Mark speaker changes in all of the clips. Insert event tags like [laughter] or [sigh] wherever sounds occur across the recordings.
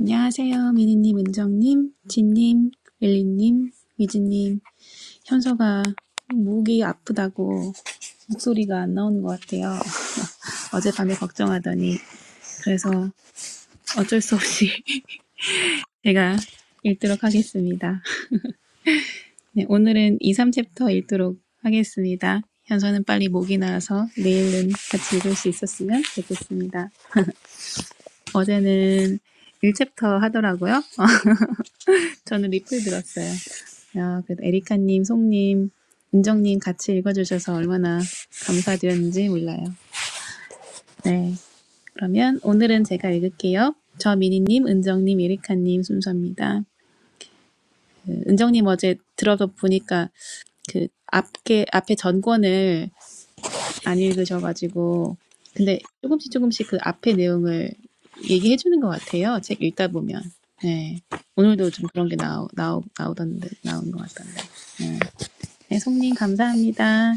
Speaker 1: 안녕하세요. 미니님, 은정님, 진님, 릴리님, 위즈님. 현서가 목이 아프다고 목소리가 안 나오는 것 같아요. 어젯밤에 걱정하더니 그래서 어쩔 수 없이 [laughs] 제가 읽도록 하겠습니다. 네, 오늘은 2, 챕터 읽도록 하겠습니다. 현서는 빨리 목이 나와서 내일은 같이 읽을 수 있었으면 좋겠습니다. 어제는 일 챕터 하더라고요. 저는 리플 들었어요. 야, 그래도 에리카님, 송님, 은정님 같이 읽어주셔서 얼마나 감사드렸는지 몰라요. 네. 그러면 오늘은 제가 읽을게요. 저 미니님, 은정님, 에리카님 순서입니다. 그 은정님 어제 들어서 보니까 그 앞에, 앞에 전권을 안 읽으셔가지고 근데 조금씩 조금씩 그 앞에 내용을 얘기해 주는 것 같아요. 책 읽다 보면. 네. 오늘도 좀 그런 게 나오, 나오, 나오던데, 나온 것 같던데. 네. 네, 송님 감사합니다.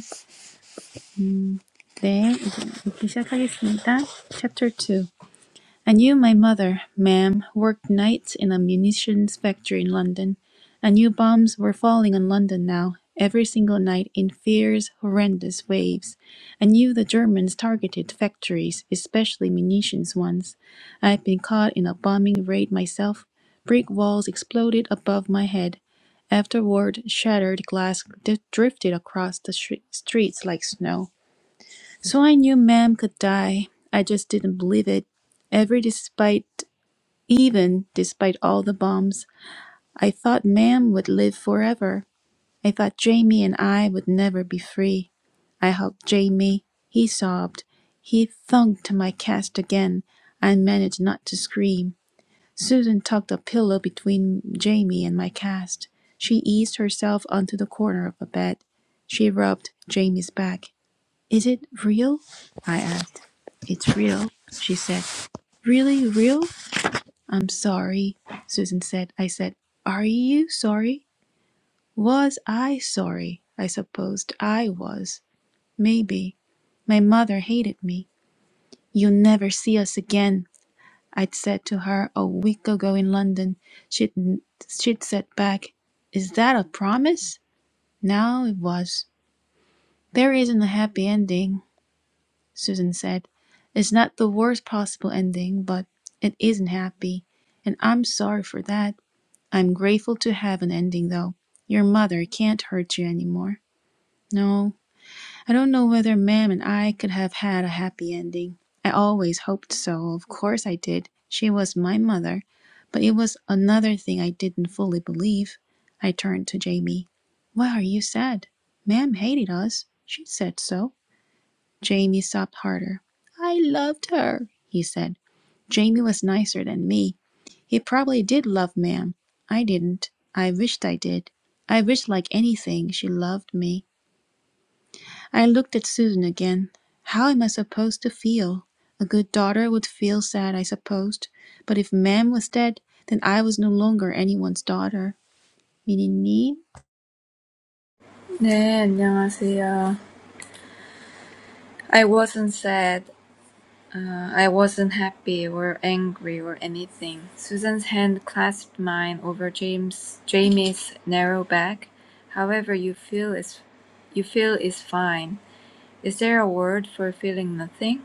Speaker 1: 음, 네, 이제 읽기 시작하겠습니다. Chapter 2. I knew my mother, ma'am, worked nights in a munitions factory in London. I knew bombs were falling on London now, every single night in fierce, horrendous waves. I knew the Germans targeted factories, especially munitions ones. I had been caught in a bombing raid myself. Brick walls exploded above my head. Afterward, shattered glass drifted across the streets like snow. So I knew Ma'am could die. I just didn't believe it. Every despite, even despite all the bombs, I thought Ma'am would live forever. I thought Jamie and I would never be free. I hugged Jamie. He sobbed. He thunked my cast again. I managed not to scream. Susan tucked a pillow between Jamie and my cast. She eased herself onto the corner of the bed. She rubbed Jamie's back. Is it real? I asked. It's real, she said. Really real? I'm sorry, Susan said. I said, Are you sorry? Was I sorry? I supposed I was. Maybe. My mother hated me. You'll never see us again, I'd said to her a week ago in London. She'd, she'd said back, Is that a promise? Now it was. There isn't a happy ending. Susan said. It's not the worst possible ending, but it isn't happy, and I'm sorry for that. I'm grateful to have an ending, though. Your mother can't hurt you any more. No, I don't know whether Mam and I could have had a happy ending. I always hoped so, of course I did. She was my mother, but it was another thing I didn't fully believe. I turned to Jamie. Why are you sad? Mam hated us. She said so. Jamie sobbed harder. I loved her, he said. Jamie was nicer than me. He probably did love Ma'am. I didn't. I wished I did. I wished like anything she loved me. I looked at Susan again. How am I supposed to feel? A good daughter would feel sad, I supposed. But if Ma'am was dead, then I was no longer anyone's daughter. 미니님,
Speaker 2: 네, 안녕하세요. I wasn't sad. Uh, I wasn't happy or angry or anything. Susan's hand clasped mine over James Jamie's narrow back. However you feel is you feel is fine. Is there a word for feeling nothing?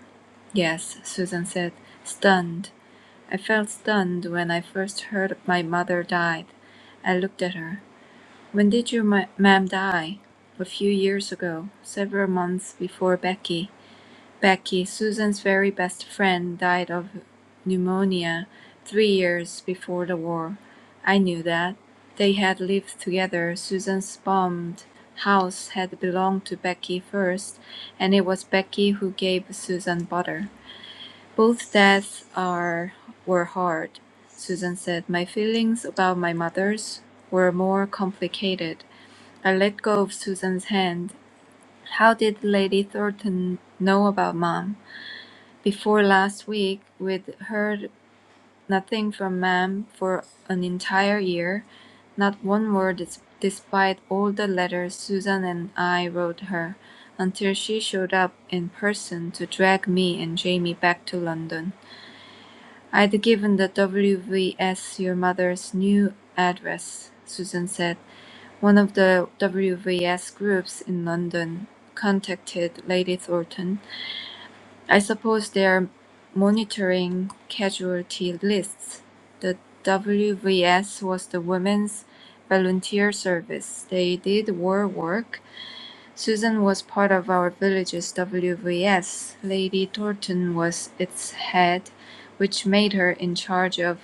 Speaker 2: Yes, Susan said, stunned. I felt stunned when I first heard my mother died. I looked at her. When did your ma- ma'am die? A few years ago, several months before Becky. Becky, Susan's very best friend, died of pneumonia three years before the war. I knew that. They had lived together. Susan's bombed house had belonged to Becky first, and it was Becky who gave Susan butter. Both deaths are were hard, Susan said. My feelings about my mother's were more complicated. I let go of Susan's hand. How did Lady Thornton know about Mom? Before last week, we'd heard nothing from Mom for an entire year, not one word des- despite all the letters Susan and I wrote her, until she showed up in person to drag me and Jamie back to London. I'd given the WVS your mother's new address, Susan said. One of the WVS groups in London contacted Lady Thornton. I suppose they're monitoring casualty lists. The WVS was the women's volunteer service. They did war work. Susan was part of our village's WVS. Lady Thornton was its head which made her in charge of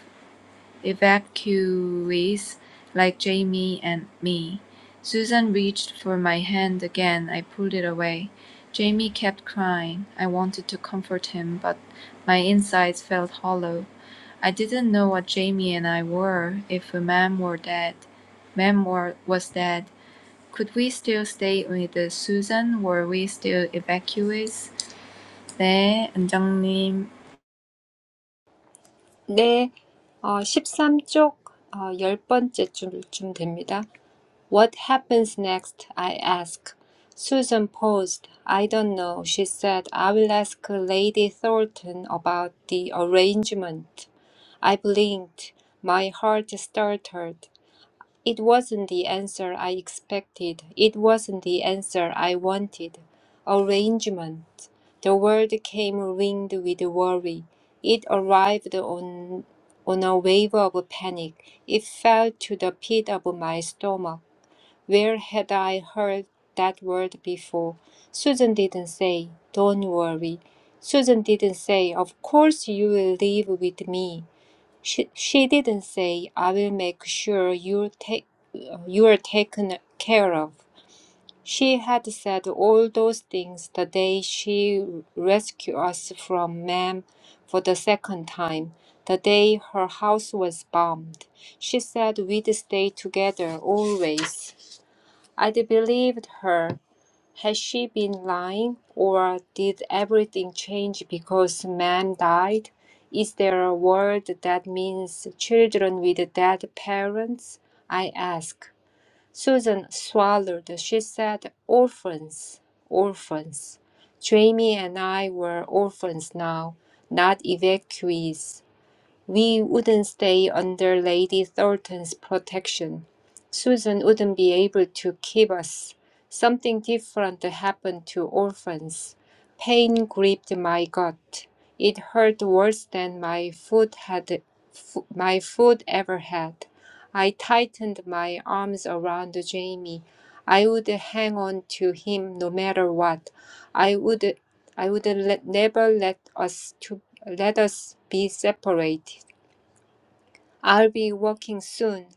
Speaker 2: evacuees like Jamie and me. Susan reached for my hand again. I pulled it away. Jamie kept crying. I wanted to comfort him, but my insides felt hollow. I didn't know what Jamie and I were if Mem were dead. Mem were, was dead. Could we still stay with uh, Susan? Were we still evacuees? 네, 원장님.
Speaker 3: 네, 어, 십삼 쪽 어, 열 번째 줄쯤 됩니다. What happens next? I asked. Susan paused. I don't know, she said. I will ask Lady Thornton about the arrangement. I blinked. My heart stuttered. It wasn't the answer I expected. It wasn't the answer I wanted. Arrangement. The word came ringed with worry. It arrived on, on a wave of panic. It fell to the pit of my stomach. Where had I heard that word before? Susan didn't say, Don't worry. Susan didn't say, Of course you will live with me. She, she didn't say, I will make sure you take you are taken care of. She had said all those things the day she rescued us from Ma'am for the second time, the day her house was bombed. She said we'd stay together always. I'd believed her has she been lying, or did everything change because man died? Is there a word that means children with dead parents? I asked. Susan swallowed. She said, Orphans, orphans. Jamie and I were orphans now, not evacuees. We wouldn't stay under Lady Thornton's protection. Susan wouldn't be able to keep us. Something different happened to orphans. Pain gripped my gut. It hurt worse than my food had fo- my food ever had. I tightened my arms around Jamie. I would hang on to him no matter what. I would I would let, never let us to let us be separated. I'll be working soon,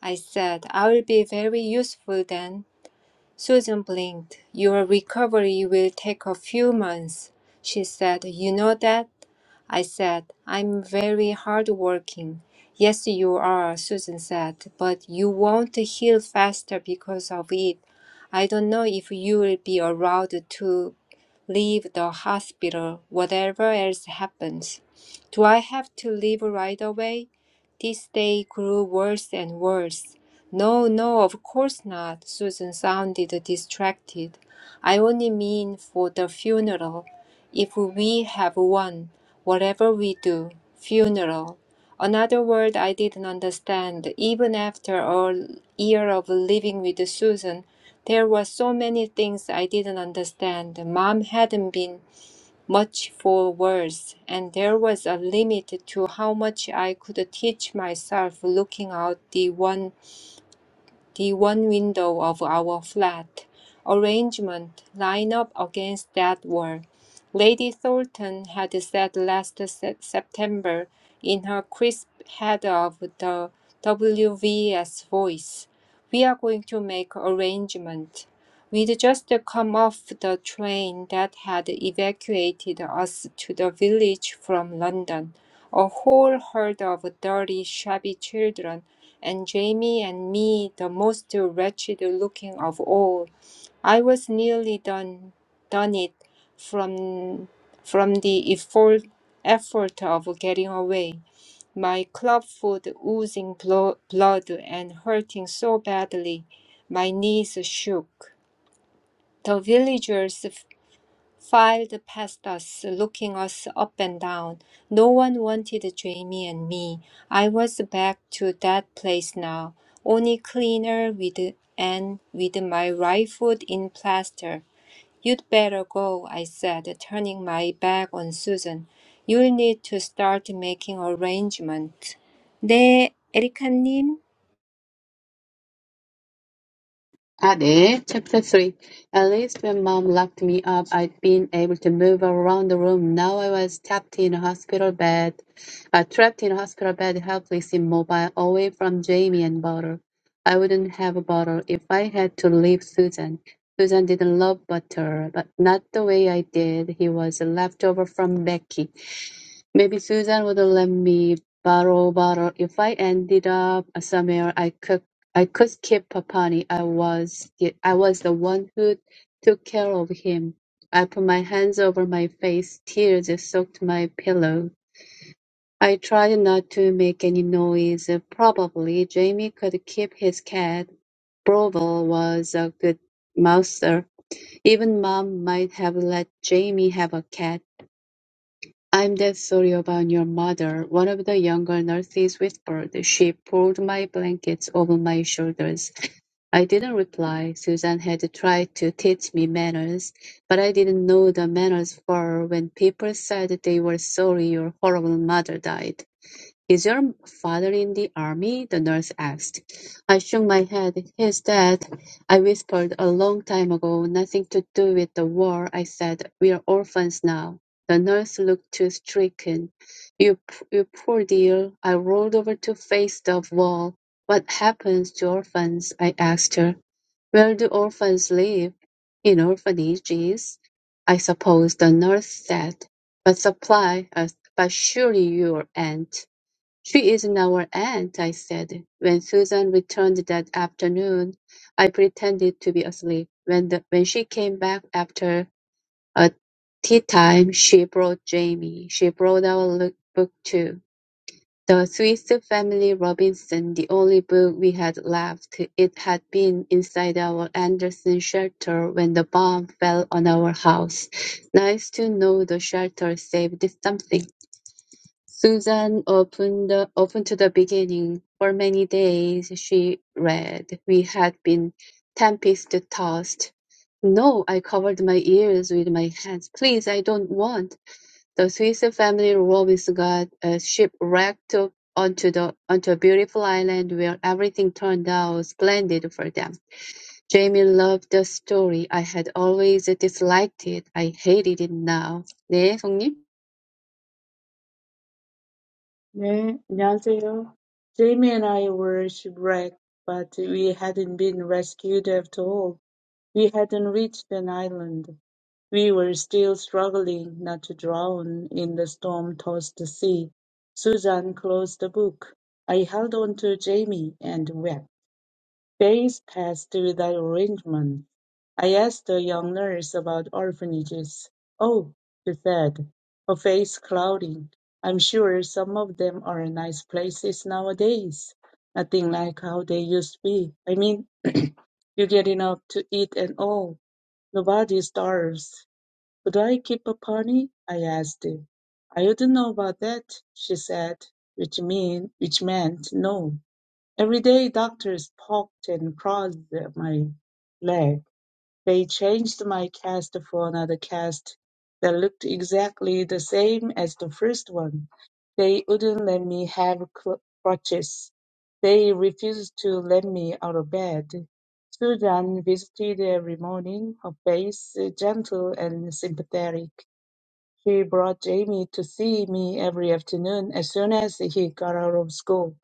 Speaker 3: I said. I'll be very useful then. Susan blinked. Your recovery will take a few months, she said. You know that? I said, I'm very hardworking. Yes, you are, Susan said, but you won't heal faster because of it. I don't know if you will be allowed to leave the hospital, whatever else happens. Do I have to leave right away? This day grew worse and worse. No, no, of course not. Susan sounded distracted. I only mean for the funeral. If we have one, whatever we do, funeral. Another word I didn't understand. Even after a year of living with Susan, there were so many things I didn't understand. Mom hadn't been much for words, and there was a limit to how much I could teach myself looking out the one the one window of our flat arrangement lined up against that wall. Lady Thornton had said last Se- September in her crisp head of the WVS voice, We are going to make arrangement. We'd just come off the train that had evacuated us to the village from London. A whole herd of dirty, shabby children and Jamie and me the most wretched looking of all. I was nearly done done it from from the effort effort of getting away, my club foot oozing blo- blood and hurting so badly, my knees shook. The villagers filed past us, looking us up and down. No one wanted Jamie and me. I was back to that place now, only cleaner with and with my rifle in plaster. You'd better go, I said, turning my back on Susan. You'll need to start making arrangements. 네, 에리카님.
Speaker 4: Ah, there. Chapter 3. At least when mom locked me up, I'd been able to move around the room. Now I was trapped in a hospital bed, uh, trapped in a hospital bed, helpless, immobile, away from Jamie and Butter. I wouldn't have Butter if I had to leave Susan. Susan didn't love Butter, but not the way I did. He was a leftover from Becky. Maybe Susan would let me borrow Butter if I ended up somewhere I could I could keep Papani. I was the, I was the one who took care of him. I put my hands over my face. Tears soaked my pillow. I tried not to make any noise. Probably Jamie could keep his cat. Brovel was a good mouser. Even Mom might have let Jamie have a cat. I'm dead sorry about your mother, one of the younger nurses whispered. She pulled my blankets over my shoulders. I didn't reply. Susan had tried to teach me manners, but I didn't know the manners for when people said they were sorry your horrible mother died. Is your father in the army? The nurse asked. I shook my head. He's dead. I whispered a long time ago. Nothing to do with the war. I said, we're orphans now. The nurse looked too stricken. You, you poor dear. I rolled over to face the wall. What happens to orphans? I asked her. Where do orphans live? In orphanages, I suppose, the nurse said. But supply us, but surely your aunt. She isn't our aunt, I said. When Susan returned that afternoon, I pretended to be asleep. When the, when she came back after a tea time, she brought Jamie. She brought our look- book too. The Swiss Family Robinson, the only book we had left, it had been inside our Andersen shelter when the bomb fell on our house. Nice to know the shelter saved something. Susan opened, opened to the beginning. For many days she read. We had been tempest tossed. No, I covered my ears with my hands. Please, I don't want. The Swiss family Robis got uh, shipwrecked onto the onto a beautiful island where everything turned out splendid for them. Jamie loved the story. I had always disliked it. I hated it now. 네, 성님.
Speaker 5: 네, 안녕하세요. Jamie and I were shipwrecked, but we hadn't been rescued at all. We hadn't reached an island. We were still struggling not to drown in the storm-tossed sea. Susan closed the book. I held on to Jamie and wept. Days passed through that arrangement. I asked the young nurse about orphanages. Oh, she said, her face clouding. I'm sure some of them are nice places nowadays. Nothing like how they used to be. I mean, you get enough to eat and all. Nobody starves. Could I keep a pony? I asked. I wouldn't know about that, she said, which mean which meant no. Every day doctors poked and prodded my leg. They changed my cast for another cast that looked exactly the same as the first one. They wouldn't let me have cl- crutches. They refused to let me out of bed. Susan visited every morning, her face gentle and sympathetic. She brought Jamie to see me every afternoon as soon as he got out of school.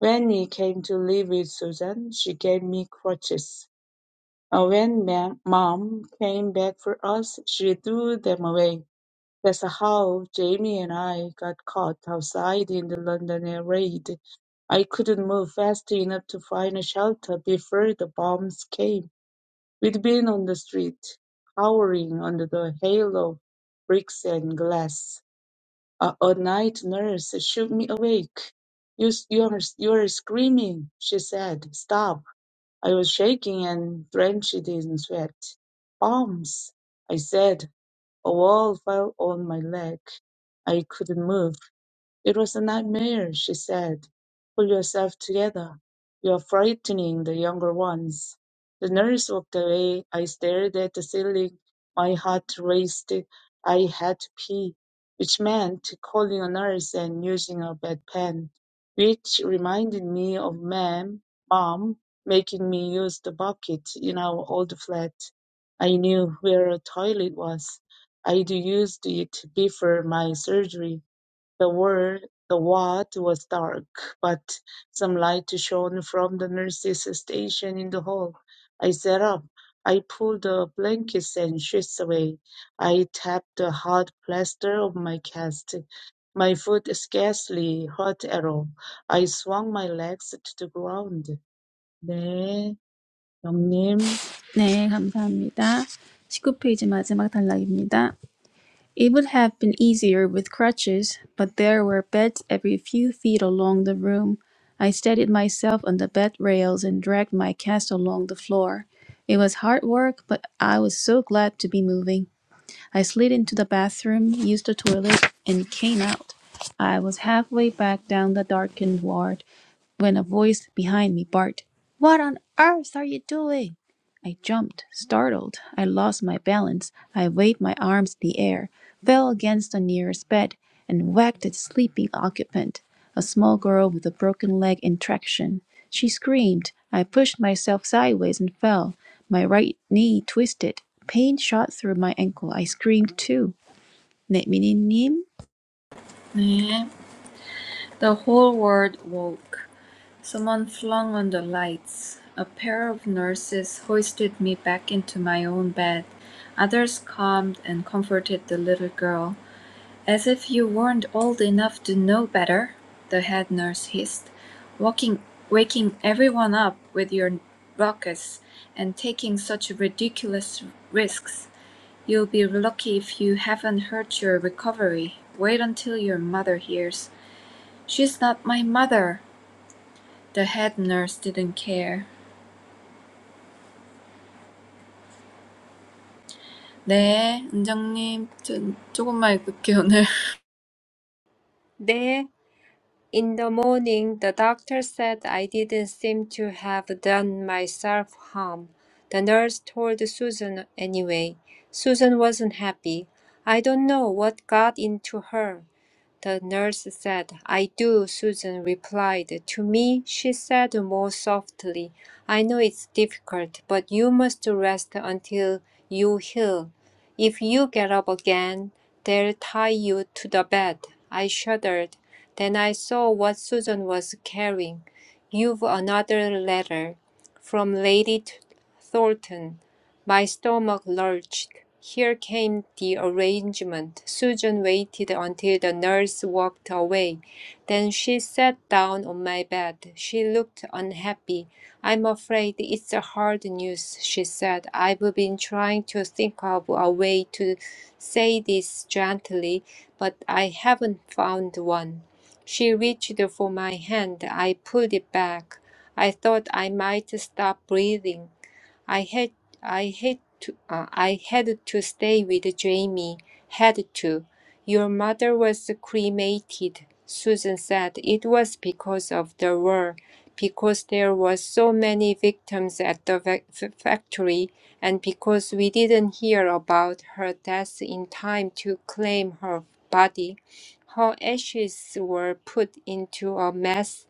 Speaker 5: When we came to live with Susan, she gave me crutches. Uh, When ma- mom came back for us, she threw them away. That's how Jamie and I got caught outside in the London air raid. I couldn't move fast enough to find a shelter before the bombs came. We'd been on the street, cowering under the hail of bricks and glass. A, a night nurse shook me awake. You, you, are, you are screaming, she said. Stop. I was shaking and drenched in sweat. Bombs, I said. A wall fell on my leg. I couldn't move. It was a nightmare, she said. Pull yourself together. You're frightening the younger ones. The nurse walked away. I stared at the ceiling. My heart raced. I had to pee, which meant calling a nurse and using a bedpan, which reminded me of ma'am, mom making me use the bucket in our old flat. I knew where a toilet was. I'd used it before my surgery the ward the ward was dark, but some light shone from the nurses' station in the hall. I sat up. I pulled the blankets and sheets away. I tapped the hard plaster of my cast. My foot scarcely hurt at all. I swung my legs to the ground. 네, 형님.
Speaker 1: 네, 감사합니다. 19페이지 마지막 단락입니다. It would have been easier with crutches, but there were beds every few feet along the room. I steadied myself on the bed rails and dragged my cast along the floor. It was hard work, but I was so glad to be moving. I slid into the bathroom, used the toilet, and came out. I was halfway back down the darkened ward when a voice behind me barked, What on earth are you doing? I jumped, startled. I lost my balance. I waved my arms in the air, fell against the nearest bed, and whacked its sleeping occupant, a small girl with a broken leg in traction. She screamed. I pushed myself sideways and fell. My right knee twisted. Pain shot through my ankle. I screamed too. 네, 미니님.
Speaker 2: 네. The whole world woke. Someone flung on the lights. A pair of nurses hoisted me back into my own bed. Others calmed and comforted the little girl. "As if you weren't old enough to know better," the head nurse hissed, "walking, waking everyone up with your ruckus and taking such ridiculous risks. You'll be lucky if you haven't hurt your recovery. Wait until your mother hears." "She's not my mother." The head nurse didn't care. 네, 은정님, 저, 조금만 읽을게요, 오늘.
Speaker 3: 네. In the morning, the doctor said I didn't seem to have done myself harm. The nurse told Susan anyway. Susan wasn't happy. I don't know what got into her. The nurse said, I do, Susan replied. To me, she said more softly, I know it's difficult, but you must rest until you heal. If you get up again, they'll tie you to the bed. I shuddered. Then I saw what Susan was carrying. You've another letter from Lady Thornton. My stomach lurched. Here came the arrangement. Susan waited until the nurse walked away. Then she sat down on my bed. She looked unhappy. I'm afraid it's hard news, she said. I've been trying to think of a way to say this gently, but I haven't found one. She reached for my hand. I pulled it back. I thought I might stop breathing. I had I had to uh, I had to stay with Jamie. Had to. Your mother was cremated, Susan said. It was because of the war, because there were so many victims at the va- factory, and because we didn't hear about her death in time to claim her body. Her ashes were put into a mass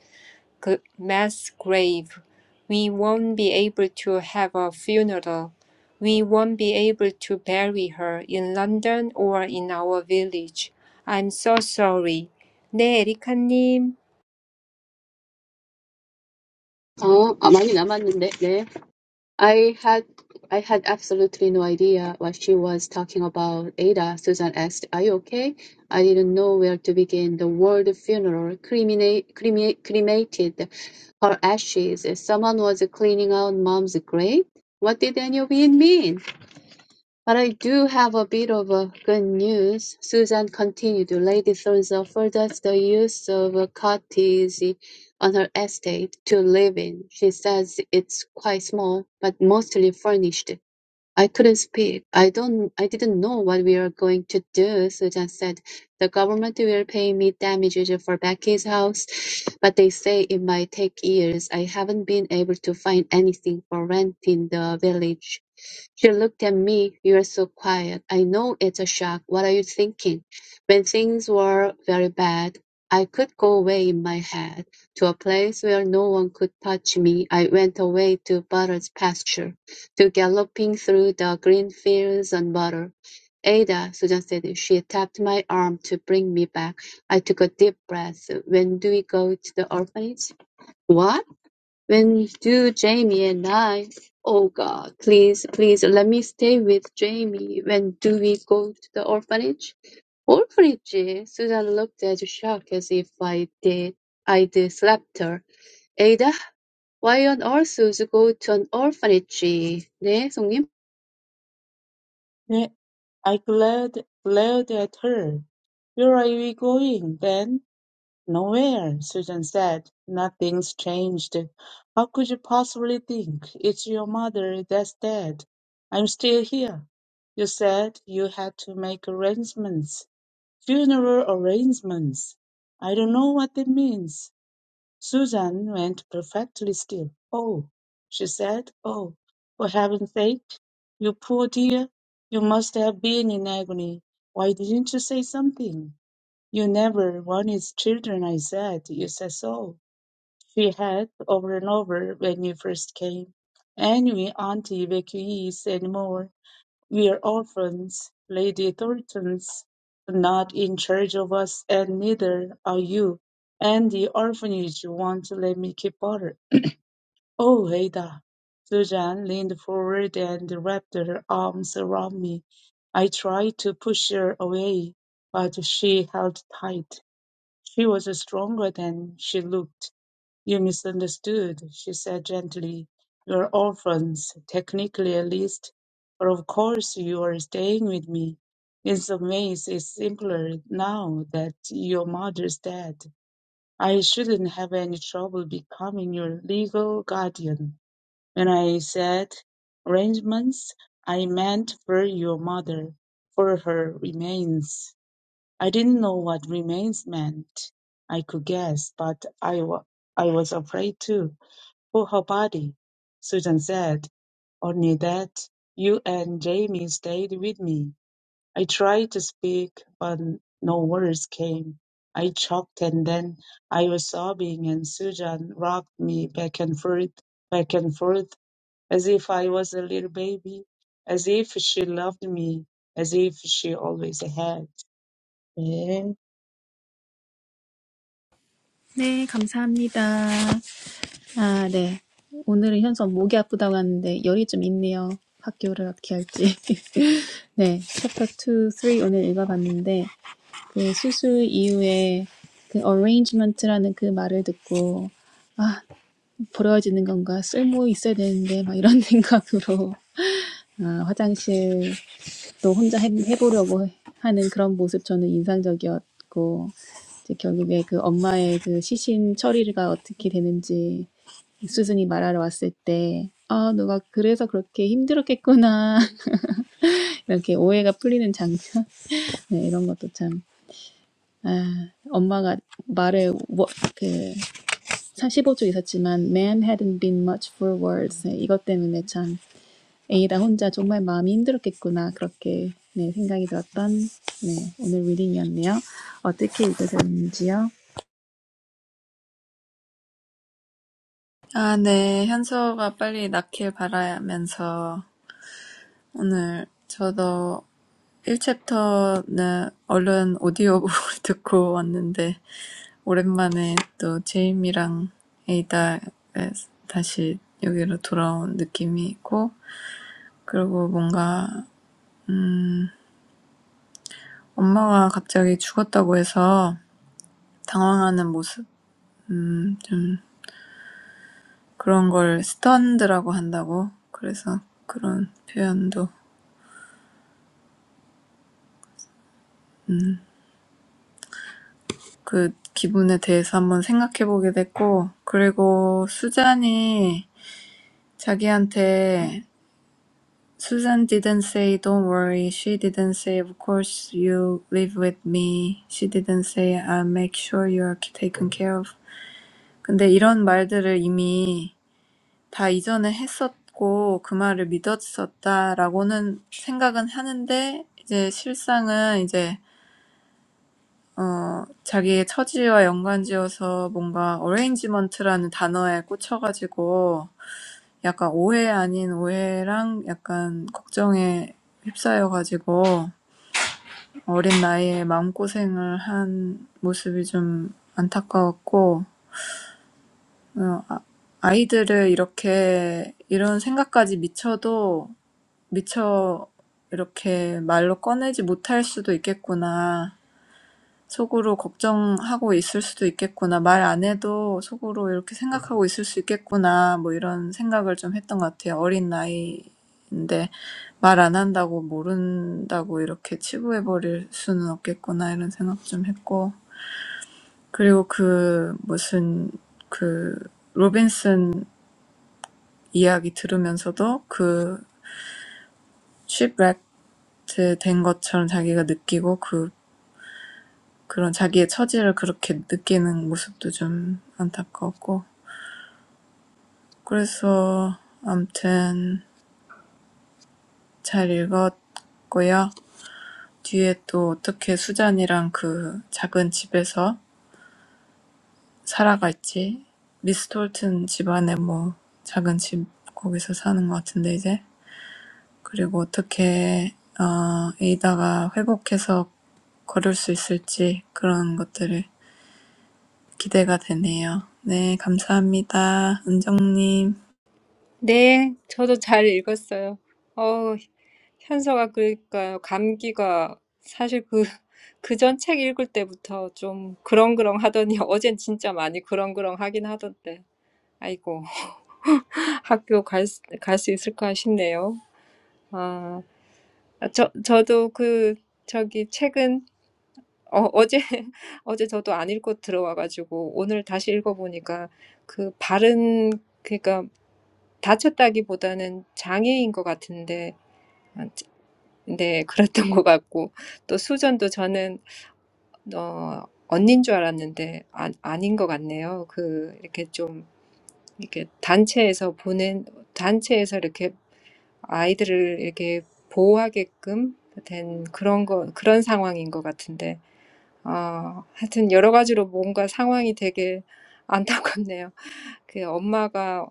Speaker 3: mass grave. We won't be able to have a funeral. We won't be able to bury her in London or in our village. I'm so sorry. 네, 에리카님.
Speaker 4: 어, 아, 많이 남았는데. 네. I had I had absolutely no idea what she was talking about. Ada, Susan asked, Are you okay? I didn't know where to begin. The word funeral cremina- crema- cremated her ashes. Someone was cleaning out mom's grave. What did any of it mean? But I do have a bit of a good news, Susan continued. Lady Thirza furthers the use of a cottage on her estate to live in. She says it's quite small, but mostly furnished. I couldn't speak. I don't I didn't know what we were going to do, Susan said. The government will pay me damages for Becky's house, but they say it might take years. I haven't been able to find anything for rent in the village. She looked at me. You're so quiet. I know it's a shock. What are you thinking? When things were very bad, I could go away in my head to a place where no one could touch me. I went away to Butter's pasture. To galloping through the green fields and water. "Ada," Susan said. She tapped my arm to bring me back. I took a deep breath. "When do we go to the orphanage?" "What?" "When do Jamie and I—" "Oh, God, please, please let me stay with Jamie. When do we go to the orphanage?" "Orphanage?" Susan looked as shocked as if I did. I'd slapped her. "Ada, why on earth would you go to an orphanage?" "네, 성님?"
Speaker 5: 네. I glared, glared at her. Where are we going, then? Nowhere, Susan said. Nothing's changed. How could you possibly think it's your mother that's dead? I'm still here. You said you had to make arrangements, funeral arrangements. I don't know what it means. Susan went perfectly still. Oh, she said. Oh, for heaven's sake. You poor dear. You must have been in agony. Why didn't you say something? "You never wanted children, I said. You said so," she had, over and over, when you first came. "And we aren't evacuees any more. We're orphans. Lady Thornton's not in charge of us, and neither are you. And the orphanage won't let me keep Butter. Oh, Ada!" Susan leaned forward and wrapped her arms around me. I tried to push her away, but she held tight. She was stronger than she looked. You misunderstood, she said gently. You're orphans, technically at least. But of course you are staying with me. In some ways it's simpler now that your mother's dead. I shouldn't have any trouble becoming your legal guardian. When I said arrangements, I meant for your mother, for her remains. I didn't know what remains meant. I could guess, but I, wa- I was afraid too, for her body. Susan said, Only that you and Jamie stayed with me. I tried to speak, but no words came. I choked and then I was sobbing, and Susan rocked me back and forth, back and forth, as if I was a little baby, as if she loved me, as if she always had. Eh?
Speaker 1: 네, 감사합니다. 아, 네. 오늘은 현성 목이 아프다고 하는데 열이 좀 있네요. 학교를 어떻게 할지. [laughs] 네, 챕터 2, 3 오늘 읽어봤는데 그 수술 이후에 그 arrangement라는 그 말을 듣고 버려지는 건가 쓸모 있어야 되는데 막 이런 [laughs] 생각으로 아, 화장실 또 혼자 해, 해보려고 해- 하는 그런 모습 저는 인상적이었고 이제 결국에 그 엄마의 그 시신 처리가 어떻게 되는지 수순이 말하러 왔을 때, 아, 너가 그래서 그렇게 힘들었겠구나. [laughs] 이렇게 오해가 풀리는 장면. [laughs] 네, 이런 것도 참. 아, 엄마가 말을, 워, 그, 35쪽 있었지만, man hadn't been much for words. 네, 이것 때문에 참 에이다 혼자 정말 마음이 힘들었겠구나 그렇게 네, 생각이 들었던 네, 오늘 리딩이었네요. 어떻게 읽으셨는지요?
Speaker 2: [laughs] 아, 네, 현서가 빨리 낫길 바라면서, 오늘 저도 일 챕터는 얼른 오디오북을 [laughs] 듣고 왔는데, 오랜만에 또 제임이랑 에이다 다시 여기로 돌아온 느낌이 있고, 그리고 뭔가, 음, 엄마가 갑자기 죽었다고 해서 당황하는 모습, 음 좀. 그런 걸 스턴드라고 한다고. 그래서 그런 표현도 그 기분에 대해서 한번 생각해 됐고, 그리고 수잔이 자기한테 Susan didn't say don't worry. She didn't say of course you live with me. She didn't say I'll make sure you're taken care of. 근데 이런 말들을 이미 다 이전에 했었고 그 말을 믿었었다라고는 생각은 하는데 이제 실상은 이제 어, 자기의 처지와 연관지어서 뭔가 어레인지먼트라는 단어에 꽂혀가지고 약간 오해 아닌 오해랑 약간 걱정에 휩싸여가지고 어린 나이에 마음고생을 한 모습이 좀 안타까웠고, 어, 아- 아이들을 이렇게 이런 생각까지 미쳐도 미처 이렇게 말로 꺼내지 못할 수도 있겠구나. 속으로 걱정하고 있을 수도 있겠구나. 말 안 해도 속으로 이렇게 생각하고 있을 수 있겠구나. 뭐 이런 생각을 좀 했던 것 같아요. 어린 나이인데 말 안 한다고 모른다고 이렇게 치부해버릴 수는 없겠구나. 이런 생각 좀 했고. 그리고 그 무슨 그 로빈슨 이야기 들으면서도 그 취브렉트 된 것처럼 자기가 느끼고 그 그런 자기의 처지를 그렇게 느끼는 모습도 좀 안타까웠고 그래서 암튼 잘 읽었고요. 뒤에 또 어떻게 수잔이랑 그 작은 집에서 살아갈지 미스 톨튼 집안에 뭐 작은 집 거기서 사는 것 같은데 이제 그리고 어떻게 어, 에이다가 회복해서 걸을 수 있을지 그런 것들을 기대가 되네요. 네, 감사합니다. 은정님.
Speaker 3: 네, 저도 잘 읽었어요. 어, 현서가 그러니까 감기가 사실 그, 그전 책 읽을 때부터 좀 그렁그렁 하더니 [laughs] 어젠 진짜 많이 그렁그렁 하긴 하던데. 아이고, [laughs] 학교 갈, 갈수 있을까 싶네요. 아, 아 저, 저도 그, 저기, 책은, 어, [laughs] 어제, 어제 저도 안 읽고 들어와 가지고, 오늘 다시 읽어 보니까 그, 발은, 그러니까 다쳤다기보다는 장애인 것 같은데, 아, 자- 네, [laughs] 그랬던 것 같고, 또 수전도 저는, 어, 언닌 줄 알았는데, 아, 아닌 것 같네요. 그, 이렇게 좀, 이렇게 단체에서 보낸, 단체에서 이렇게 아이들에게 보호하게끔 된 그런 거, 그런 상황인 것 같은데, 어, 하여튼 여러 가지로 뭔가 상황이 되게 안타깝네요. 그 엄마가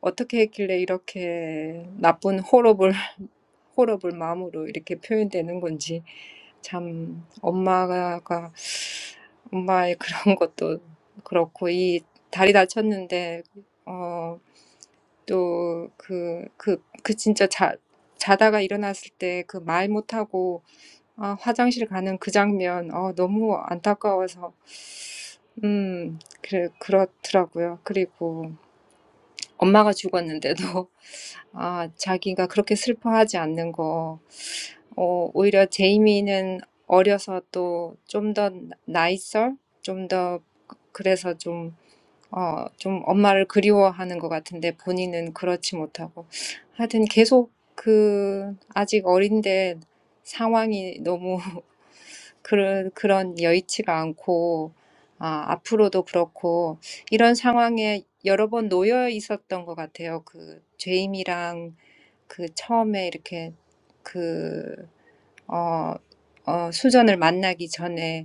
Speaker 3: 어떻게 했길래 이렇게 나쁜 호러블, 호러블 마음으로 이렇게 표현되는 건지, 참, 엄마가, 엄마의 그런 것도 그렇고, 이 다리 다쳤는데, 어. 또 그, 그, 그 진짜 자, 자다가 일어났을 때그말 못하고 아, 화장실 가는 그 장면 어, 너무 안타까워서 음, 그래, 그렇더라고요. 그리고 엄마가 죽었는데도 [laughs] 아, 자기가 그렇게 슬퍼하지 않는 거 어, 오히려 제이미는 어려서 또좀더 나이설 좀더 그래서 좀 어, 좀 엄마를 그리워하는 것 같은데 본인은 그렇지 못하고. 하여튼 계속 그, 아직 어린데 상황이 너무 [laughs] 그런, 그런 여의치가 않고, 아, 앞으로도 그렇고, 이런 상황에 여러 번 놓여 있었던 것 같아요. 그, 제임이랑 그 처음에 이렇게 그, 어, 어, 수전을 만나기 전에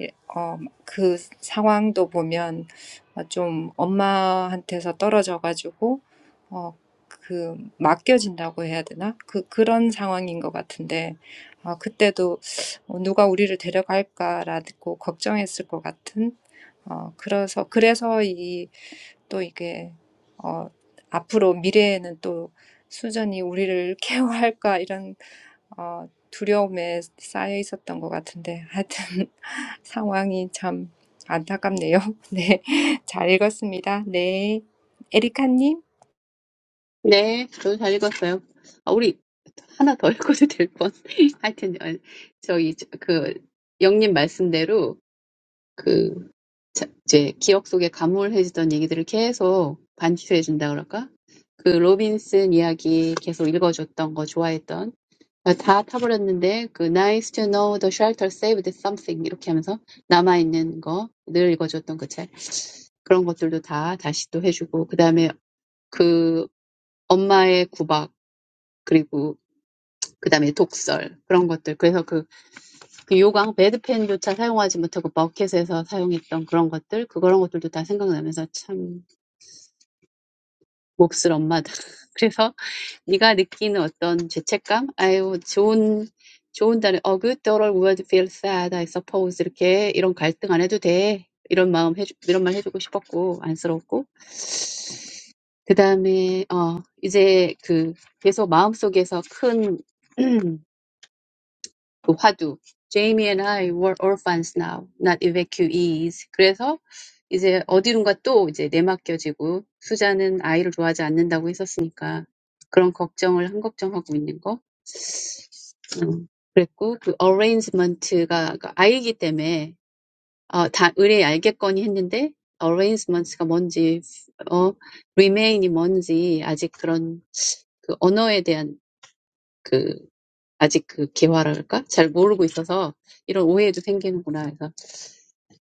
Speaker 3: 예, 어, 그 상황도 보면 어, 좀 엄마한테서 떨어져 가지고 어, 그 맡겨진다고 해야 되나? 그 그런 상황인 것 같은데 어, 그때도 어, 누가 우리를 데려갈까라고 걱정했을 것 같은 어, 그래서 그래서 이 또 이게 어, 앞으로 미래에는 또 수전이 우리를 [laughs] 케어할까 이런 어, 두려움에 쌓여 있었던 것 같은데 하여튼 [laughs] 상황이 참 안타깝네요. [laughs] 네, 잘 읽었습니다. 네, 에리카님.
Speaker 4: 네, 저도 잘 읽었어요. 아, 우리 하나 더 [laughs] 읽어도 될 뻔. [laughs] 하여튼, 어, 저희, 저- 그, 영님 말씀대로, 그, 자- 이제 기억 속에 가물해지던 얘기들을 계속 반추해준다 그럴까? 그 로빈슨 이야기 계속 읽어줬던 거 좋아했던. 아, 다 타버렸는데, 그 nice to know the shelter saved something 이렇게 하면서 남아있는 거 늘 읽어줬던 그 책. 그런 것들도 다 다시 또 해주고, 그 다음에 그 엄마의 구박, 그리고 그다음에 독설 그런 것들 그래서 그, 그 요강 배드펜조차 사용하지 못하고 버켓에서 사용했던 그런 것들 그런 것들도 다 생각나면서 참 몹쓸 엄마다 [laughs] 그래서 네가 느끼는 어떤 죄책감 아유 좋은 좋은 단어 어 good daughter would feel sad I suppose 이렇게 이런 갈등 안 해도 돼 이런 마음 해주 이런 말 해주고 싶었고 안쓰럽고 그다음에 어 이제 그 계속 마음속에서 큰 [clears throat] Upadu. Jamie and I were orphans now, not evacuees. 그래서 이제 어디론가 또 이제 내맡겨지고 수자는 아이를 좋아하지 않는다고 했었으니까 그런 걱정을 한 걱정하고 있는 거. 음, 그랬고 그 arrangement가 그러니까 아이기 때문에 어, 다 의뢰 알겠거니 했는데 arrangements가 뭔지 어, remain이 뭔지 아직 그런 그 언어에 대한 아직 그 개화랄까? 잘 모르고 있어서 이런 오해도 생기는구나 해서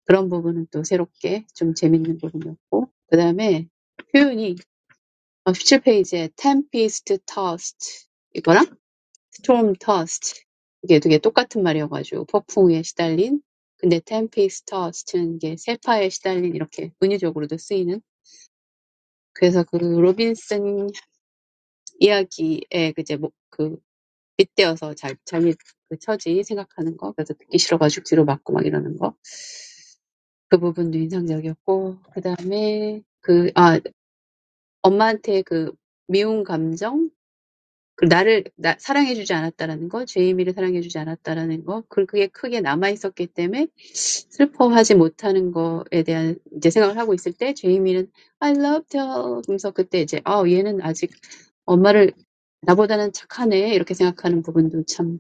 Speaker 4: 그런 부분은 또 새롭게 좀 재밌는 부분이었고 그 다음에 표현이 어, 십칠 페이지에 tempest tossed 이거랑 storm tossed 이게 되게 똑같은 말이어가지고 폭풍에 시달린 근데 tempest tossed는 게 세파에 시달린 이렇게 은유적으로도 쓰이는 그래서 그 로빈슨 이야기에 그제 빗대어서 자, 자기의 그 처지 생각하는 거, 그래서 듣기 싫어가지고 뒤로 막고 막 이러는 거. 그 부분도 인상적이었고, 그 다음에 그, 아, 엄마한테 그 미운 감정, 그 나를 나, 사랑해주지 않았다라는 거, 제이미를 사랑해주지 않았다라는 거, 그- 그게 크게 남아있었기 때문에 슬퍼하지 못하는 거에 대한 이제 생각을 하고 있을 때, 제이미는 I loved her. 그래서 그때 이제, 아, 얘는 아직 엄마를 나보다는 착하네. 이렇게 생각하는 부분도 참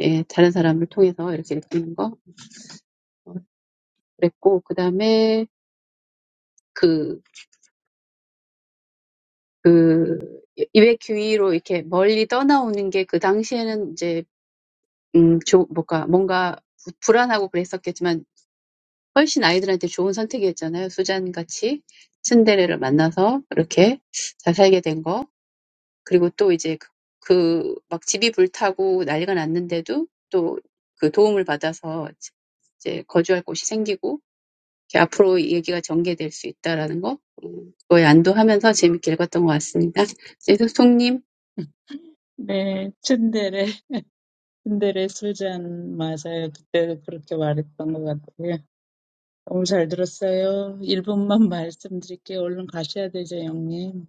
Speaker 4: 예, 다른 사람을 통해서 이렇게 느끼는 거 어, 그랬고 그다음에 그, 그 이외 귀위로 이렇게 멀리 떠나오는 게그 당시에는 이제 음, 조, 뭔가 뭔가 부- 불안하고 그랬었겠지만 훨씬 아이들한테 좋은 선택이었잖아요. 수잔 같이 신데렐라를 만나서 이렇게 잘 살게 된 거. 그리고 또 이제 그, 그막 집이 불타고 난리가 났는데도 또그 도움을 받아서 이제 거주할 곳이 생기고 이렇게 앞으로 이 얘기가 전개될 수 있다라는 거 음, 그거에 안도하면서 재밌게 읽었던 것 같습니다. 이제 소통님
Speaker 5: 네, 츤데레, 츤데레 소주 한 마사요. 그때도 그렇게 말했던 것 같아요. 너무 잘 들었어요. 1분만 말씀드릴게요. 얼른 가셔야 되죠, 영님.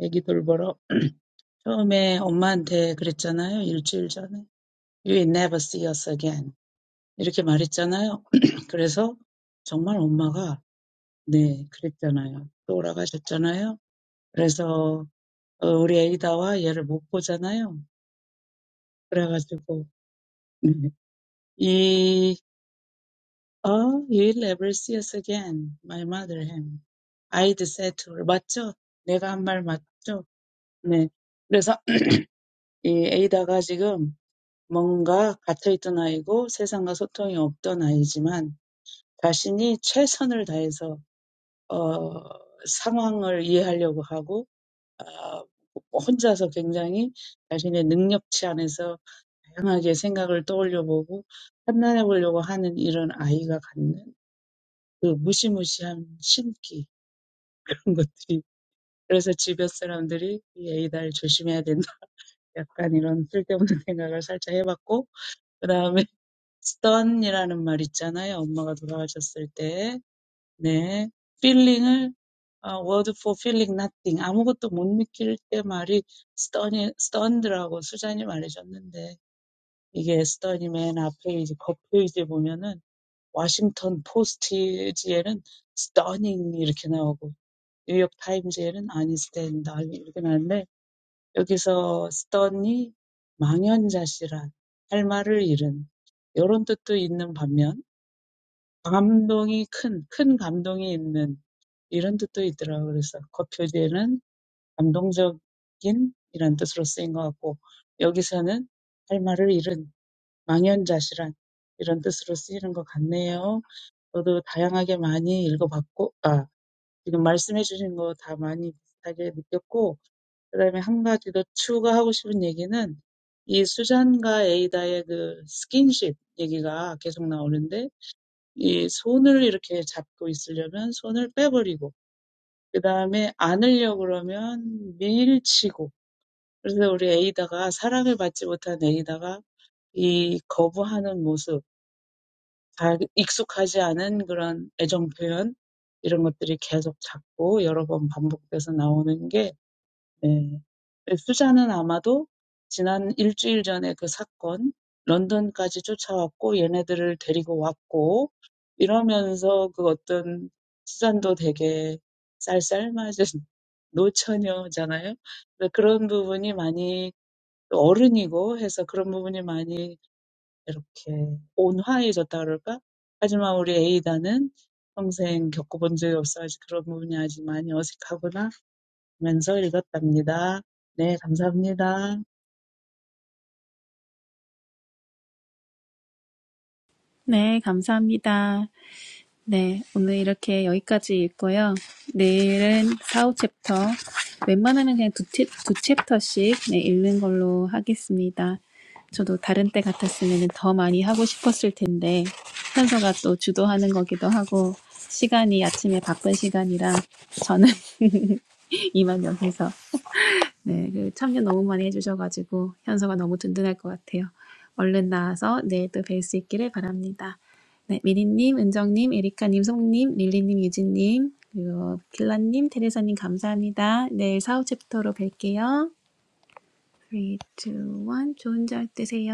Speaker 5: 애기 돌보러. [clears throat] 처음에 엄마한테 그랬잖아요. 일주일 전에. You will never see us again. 이렇게 말했잖아요. [clears throat] 그래서 정말 엄마가 네, 그랬잖아요. 돌아가셨잖아요. 그래서 어, 우리 에이다와 얘를 못 보잖아요. 그래가지고 [laughs] 네. Oh, you'll ever see us again. My mother him. I'd said to her, 맞죠? 내가 한 말 맞죠? 네. 그래서 [clears throat] 이 에이다가 지금 뭔가 갇혀있던 아이고 세상과 소통이 없던 아이지만 자신이 최선을 다해서 어, 상황을 이해하려고 하고 아, 혼자서 굉장히 자신의 능력치 안에서 다양하게 생각을 떠올려보고 보고 판단해 보려고 하는 이런 아이가 갖는 그 무시무시한 신기 So, stunned. [laughs] 뉴욕 타임즈에는 아인슈타인이다. 이렇게 나왔는데 여기서 쓰더니 망연자실한 할 말을 잃은 이런 뜻도 있는 반면 감동이 큰, 큰 감동이 있는 이런 뜻도 있더라고요. 그래서 그 표제는 감동적인 이런 뜻으로 쓰인 것 같고 여기서는 할 말을 잃은 망연자실한 이런 뜻으로 쓰이는 것 같네요. 저도 다양하게 많이 읽어봤고 아 지금 말씀해 주신 거 다 많이 비슷하게 느꼈고 그다음에 한 가지 더 추가하고 싶은 얘기는 이 수잔과 에이다의 그 스킨십 얘기가 계속 나오는데 이 손을 이렇게 잡고 있으려면 손을 빼버리고 그다음에 안으려고 그러면 밀치고 그래서 우리 에이다가 사랑을 받지 못한 에이다가 이 거부하는 모습 다 익숙하지 않은 그런 애정 표현 이런 것들이 계속 자꾸 여러 번 반복돼서 나오는 게 예. 수잔은 아마도 지난 일주일 전에 그 사건, 런던까지 쫓아왔고, 얘네들을 데리고 왔고, 이러면서 그 어떤 수잔도 되게 쌀쌀맞은 [laughs] 노처녀잖아요. 그래서 그런 부분이 많이 또 어른이고 해서 그런 부분이 많이 이렇게 온화해졌다 그럴까? 하지만 우리 에이다는 평생 겪어본 적이 없어 가지고 그런 부분이 아직 많이 어색하구나 면서 읽었답니다. 네, 감사합니다.
Speaker 1: 네, 감사합니다. 네, 오늘 이렇게 여기까지 읽고요. 내일은 4, 챕터. 웬만하면 그냥 두, 챕, 두 챕터씩 네, 읽는 걸로 하겠습니다. 저도 다른 때 같았으면 더 많이 하고 싶었을 텐데 현서가 또 주도하는 거기도 하고 시간이 아침에 바쁜 시간이라 저는 [laughs] 이만 여기서 네, 그 참여 너무 많이 해주셔가지고 현서가 너무 든든할 것 같아요. 얼른 나와서 내일 또 뵐 수 있기를 바랍니다. 네, 미리님, 은정님, 에리카님, 송님, 릴리님, 유진님, 그리고 길라님, 테레사님 감사합니다. 내일 사후 챕터로 뵐게요. 3, 2, 1, 좋은 잘 되세요.